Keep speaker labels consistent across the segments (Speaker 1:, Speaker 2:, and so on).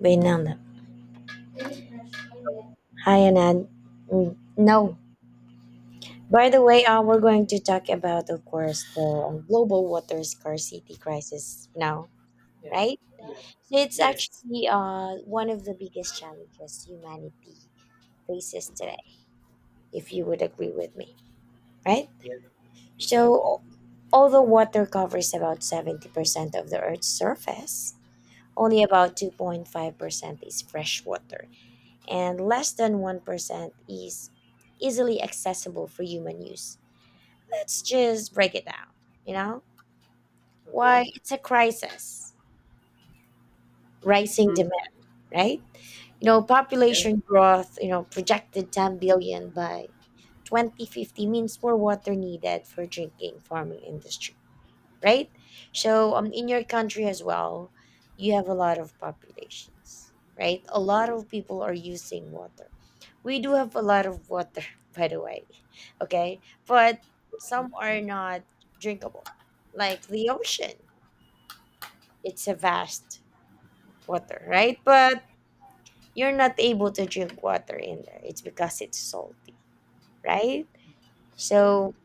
Speaker 1: Vaynanda. Hi, Anand. Mm, no. By the way, we're going to talk about, of course, the global water scarcity crisis now,
Speaker 2: Yeah.
Speaker 1: right?
Speaker 2: Yeah.
Speaker 1: So it's
Speaker 2: Yes.
Speaker 1: actually one of the biggest challenges humanity faces today, if you would agree with me, right?
Speaker 2: Yeah. Exactly.
Speaker 1: So, although water covers about 70% of the Earth's surface, only about 2.5% is fresh water and less than 1% is easily accessible for human use. Let's just break it down, you know? Why
Speaker 2: Okay.
Speaker 1: it's a crisis, rising
Speaker 2: Hmm.
Speaker 1: demand, right? You know,
Speaker 2: Yep.
Speaker 1: population growth, projected 10 billion by 2050 means more water needed for drinking, farming, industry, right? So in your country as well, you have a lot of populations, right? A lot of people are using water. We do have a lot of water, by the way, okay? But
Speaker 2: Okay.
Speaker 1: some are not drinkable, like the ocean. It's a vast water, right? But you're not able to drink water in there. It's because it's salty, right?
Speaker 2: Yep.
Speaker 1: So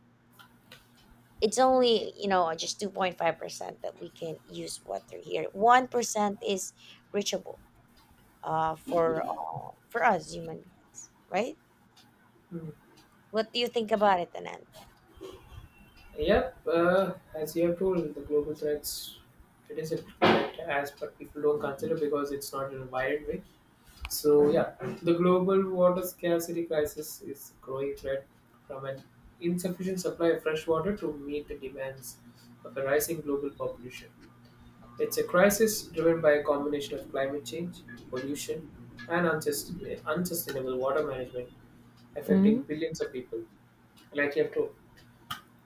Speaker 1: it's only, you know, just 2.5% that we can use water here. 1% is reachable, for us human beings, right?
Speaker 2: Hmm.
Speaker 1: What do you think about it, Anan?
Speaker 2: Yep. As you have told, the global threats, it is a threat, as but people don't consider because it's not in a wide way. So yeah,
Speaker 1: Hmm.
Speaker 2: the global water scarcity crisis is a growing threat from an insufficient supply of fresh water to meet the demands of a rising global population. It's a crisis driven by a combination of climate change, pollution, and unsustainable water management affecting
Speaker 1: Hmm.
Speaker 2: billions of people, like you have told.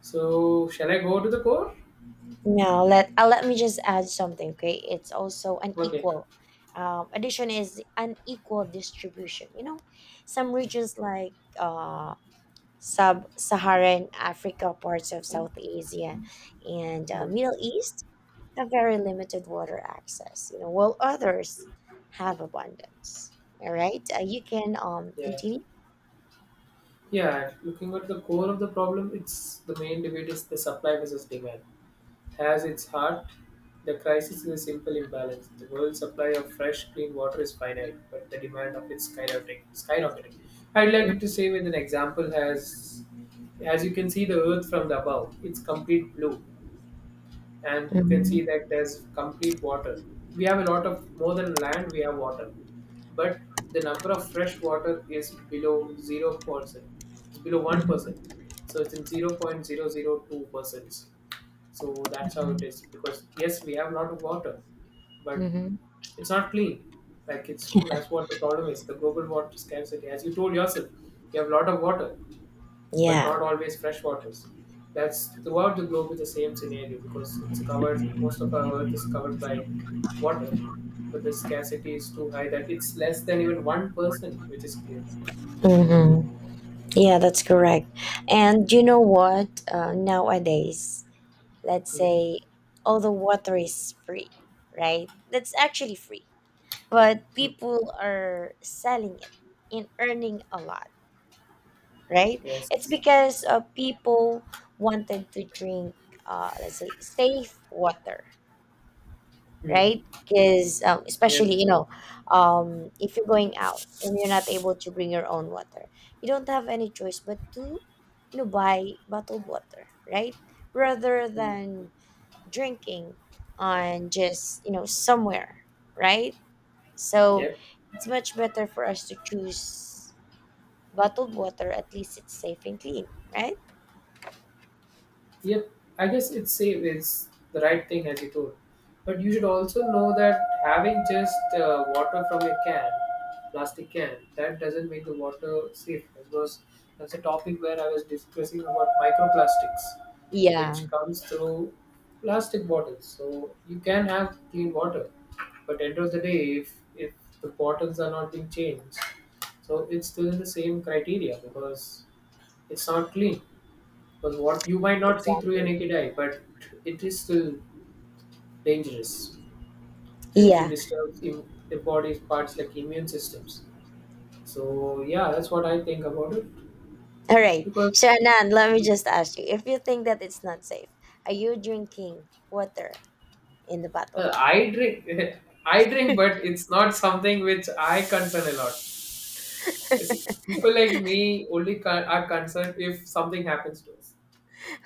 Speaker 2: So, shall I go to the core?
Speaker 1: Now let let me just add something. Okay, it's also
Speaker 2: Okay.
Speaker 1: unequal. Addition is unequal distribution, you know, some regions like Sub-Saharan Africa, parts of South Asia, and
Speaker 2: Hmm.
Speaker 1: Middle East, a very limited water access, you know, while others have abundance. All right, you can
Speaker 2: Yeah.
Speaker 1: continue.
Speaker 2: Yeah. Looking at the core of the problem, it's the main debate is the supply versus demand. Has its heart, the crisis is a simple imbalance. The world's supply of fresh, clean water is finite, but the demand of it skyrocketing. I'd like to say with an example has, as you can see the earth from the above, it's complete blue, and you can
Speaker 1: Mm-hmm.
Speaker 2: see that there's complete water. We have a lot of more than land, we have water, but the number of fresh water is below 0%. It's below 1%, so it's in 0.002%, so that's how it is. Because yes, we have a lot of water, but
Speaker 1: Mm-hmm.
Speaker 2: it's not clean. Like it's that's what the problem is. The global water scarcity, as you told yourself, you have a lot of water, but
Speaker 1: Yeah.
Speaker 2: not always fresh waters. That's throughout the globe is the same scenario because it's covered. Most of our earth is covered by water, but the scarcity is too high that it's less than even one person, which is clear.
Speaker 1: Mm-hmm. Yeah, that's correct. And you know what? Nowadays, let's
Speaker 2: Mm-hmm.
Speaker 1: say all the water is free, right? That's actually free, but people are selling it and earning a lot, right? It's
Speaker 2: Yes.
Speaker 1: because people wanted to drink, let's say, safe water,
Speaker 2: Mm.
Speaker 1: right? Because
Speaker 2: Yeah.
Speaker 1: especially, you know, if you're going out and you're not able to bring your own water, you don't have any choice but to, you know, buy bottled water, right? Rather
Speaker 2: Mm.
Speaker 1: than drinking on just, you know, somewhere, right? So
Speaker 2: Yeah.
Speaker 1: it's much better for us to choose bottled water. At least it's safe and clean, right?
Speaker 2: Yep, I guess it's safe is the right thing as you told. But you should also know that having just water from a can, plastic can, that doesn't make the water safe. That was that's a topic where I was discussing about microplastics,
Speaker 1: Yeah,
Speaker 2: which comes through plastic bottles. So you can have clean water, but end of the day, if the bottles are not being changed, so it's still the same criteria because it's not clean. Because what you might not see through your
Speaker 1: exactly.
Speaker 2: naked eye, but it is still dangerous and it can
Speaker 1: Yeah.
Speaker 2: disturb the body's parts like immune systems. So yeah, that's what I think about it.
Speaker 1: All right.
Speaker 2: Because
Speaker 1: So, Anand, let me just ask you, if you think that it's not safe, are you drinking water in the bottle?
Speaker 2: I drink, I drink, but it's not something which I concern a lot. I see, people like me only are concerned if something happens to us.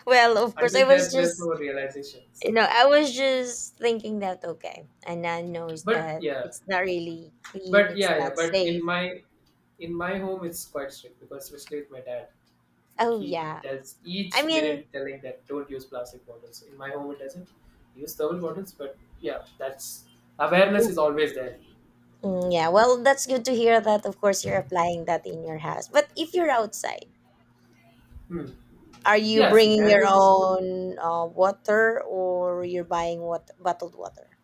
Speaker 1: Well, of course
Speaker 2: Until
Speaker 1: I was
Speaker 2: that, there's
Speaker 1: just,
Speaker 2: no realizations.
Speaker 1: you know, I was just thinking that, okay, Anand knows
Speaker 2: But
Speaker 1: that
Speaker 2: yeah,
Speaker 1: it's not really clean,
Speaker 2: but
Speaker 1: it's
Speaker 2: yeah, yeah.
Speaker 1: not
Speaker 2: But in
Speaker 1: safe.
Speaker 2: my home, it's quite strict because especially with my dad. Like
Speaker 1: Oh
Speaker 2: he
Speaker 1: yeah.
Speaker 2: tells
Speaker 1: I
Speaker 2: each
Speaker 1: mean,
Speaker 2: minute telling that don't use plastic bottles. In my home, it doesn't use thermal bottles, but yeah, that's awareness is
Speaker 1: mm,
Speaker 2: always there.
Speaker 1: mm, yeah, well that's good to hear that of course you're applying that in your house. But if you're outside,
Speaker 2: Hmm.
Speaker 1: are you
Speaker 2: Yeah,
Speaker 1: bringing your
Speaker 2: scenarios.
Speaker 1: own water or you're buying what, bottled water?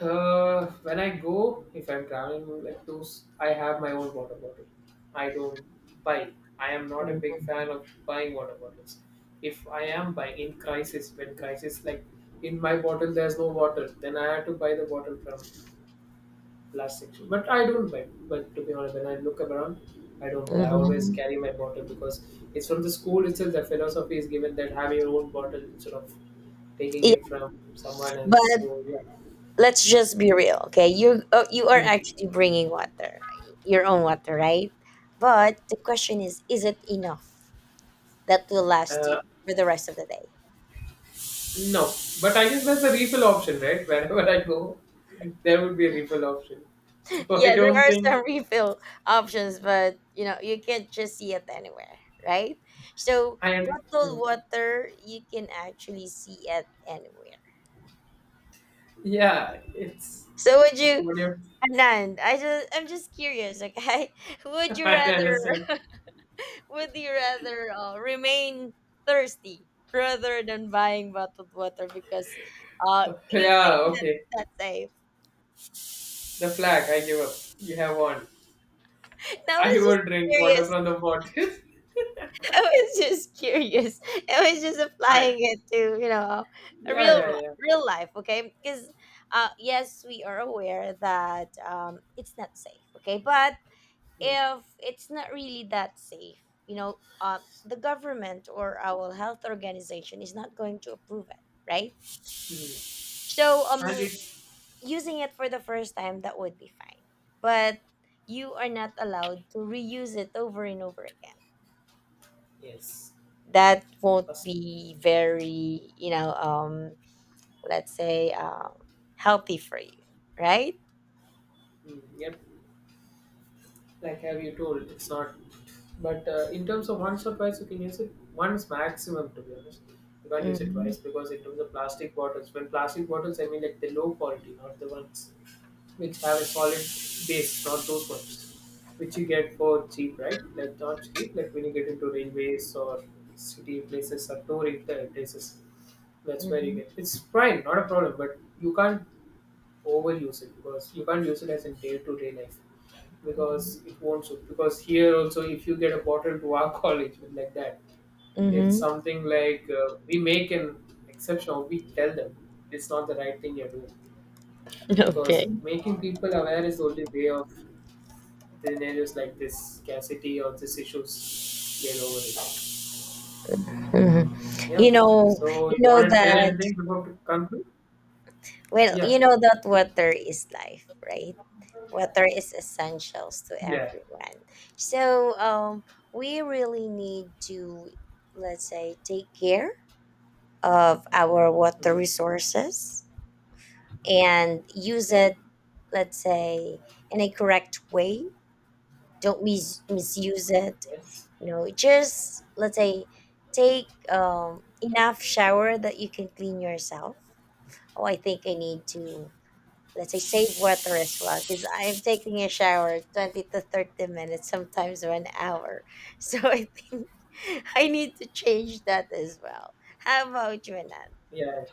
Speaker 2: When I go, if I'm traveling like those, I have my own water bottle. I don't buy. I am not a big fan of buying water bottles. If I am buying in crisis, when crisis like in my bottle there's no water, then I have to buy the bottle from last section. But I don't buy. But to be honest, when I look around, I don't buy. I always
Speaker 1: Mm-hmm.
Speaker 2: carry my bottle because it's from the school itself. The philosophy is given that have your own bottle instead of taking
Speaker 1: Yeah,
Speaker 2: it from someone else.
Speaker 1: but
Speaker 2: So yeah.
Speaker 1: let's just be real, okay? You are
Speaker 2: Hmm.
Speaker 1: actually bringing water, your own water, right? But the question is it enough that will last
Speaker 2: uh,
Speaker 1: you for the rest of the day?
Speaker 2: no. But I guess there's a refill option, right? Wherever I go, there would be a refill option. So I
Speaker 1: Yeah, there
Speaker 2: don't
Speaker 1: are
Speaker 2: think
Speaker 1: some refill options, but you know you can't just see it anywhere, right? So
Speaker 2: I am. Hmm.
Speaker 1: bottled water you can actually see it anywhere.
Speaker 2: Yeah, it's
Speaker 1: So would you,
Speaker 2: what you.
Speaker 1: Anand? I just, I'm just curious. Okay, would you
Speaker 2: I
Speaker 1: rather,
Speaker 2: understand.
Speaker 1: would you rather remain thirsty rather than buying bottled water because uh, you think
Speaker 2: Yeah,
Speaker 1: that
Speaker 2: okay.
Speaker 1: it's not safe?
Speaker 2: The flag. I give up. You have won.
Speaker 1: Now I
Speaker 2: I
Speaker 1: was just
Speaker 2: would drink water
Speaker 1: curious.
Speaker 2: from the bottle.
Speaker 1: I was just curious. I was just
Speaker 2: Fine.
Speaker 1: applying it to, you know, a
Speaker 2: Yeah, yeah, yeah.
Speaker 1: real life. Okay, because uh, yes, we are aware that um, it's not safe. Okay, but
Speaker 2: Mm,
Speaker 1: if it's not really that safe, you know, the government or our health organization is not going to approve it, right?
Speaker 2: mm.
Speaker 1: So,
Speaker 2: And it
Speaker 1: using it for the first time, that would be fine. But you are not allowed to reuse it over and over again.
Speaker 2: yes,
Speaker 1: That won't
Speaker 2: First-
Speaker 1: be very, you know, let's say, healthy for you, right?
Speaker 2: mm, yep. Like have you told, it's not. But in terms of once or twice, you can use it once maximum. To be honest, you can't use it
Speaker 1: Mm-hmm.
Speaker 2: twice because in terms of plastic bottles, when plastic bottles, I mean like the low quality, not the ones which have a solid base, not those ones which you get for cheap, right? Like not cheap, like when you get into railways or city places or touring places. That's where you get. It's fine, not a problem, but you can't overuse it because you can't use it as in day-to-day life because
Speaker 1: Mm-hmm.
Speaker 2: it won't suit. Because here also, if you get a bottle to our college with like that, it's
Speaker 1: Mm-hmm.
Speaker 2: something like we make an exception. Or We tell them it's not the right thing you're doing
Speaker 1: Okay.
Speaker 2: because making people aware is the only way of scenarios like this scarcity or these issues get over it.
Speaker 1: Mhm. You
Speaker 2: Yep.
Speaker 1: know,
Speaker 2: So
Speaker 1: you
Speaker 2: you
Speaker 1: know
Speaker 2: want to tell
Speaker 1: that.
Speaker 2: anything before we conclude?
Speaker 1: Well,
Speaker 2: Yeah.
Speaker 1: you know that water is life, right? Water is essentials to
Speaker 2: Yeah.
Speaker 1: everyone. So, we really need to, let's say, take care of our water
Speaker 2: Hmm.
Speaker 1: resources and use
Speaker 2: Yep.
Speaker 1: it, let's say, in a correct way. Don't misuse it.
Speaker 2: Yes.
Speaker 1: You know, just let's say take enough shower that you can clean yourself. Oh, I think I need to, let's say, save water as well because I'm taking a shower 20 to 30 minutes, sometimes 1 hour, so I think I need to change that as well. How about you, Anand?
Speaker 2: Yeah.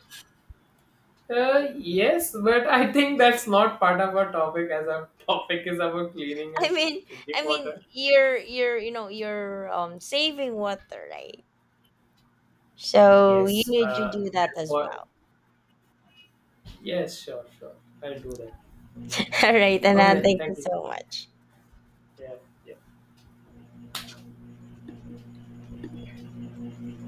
Speaker 2: Yes, but I think that's not part of our topic as our topic is about cleaning
Speaker 1: i
Speaker 2: and
Speaker 1: mean
Speaker 2: drinking
Speaker 1: I mean
Speaker 2: water.
Speaker 1: you're, you know, you're saving water, right? So you
Speaker 2: Yes.
Speaker 1: need to do that as
Speaker 2: For,
Speaker 1: well.
Speaker 2: yes, sure, sure. I'll do that.
Speaker 1: All right,
Speaker 2: Okay
Speaker 1: Anand,
Speaker 2: then.
Speaker 1: thank you
Speaker 2: Thank you.
Speaker 1: so much.
Speaker 2: Yeah. yeah.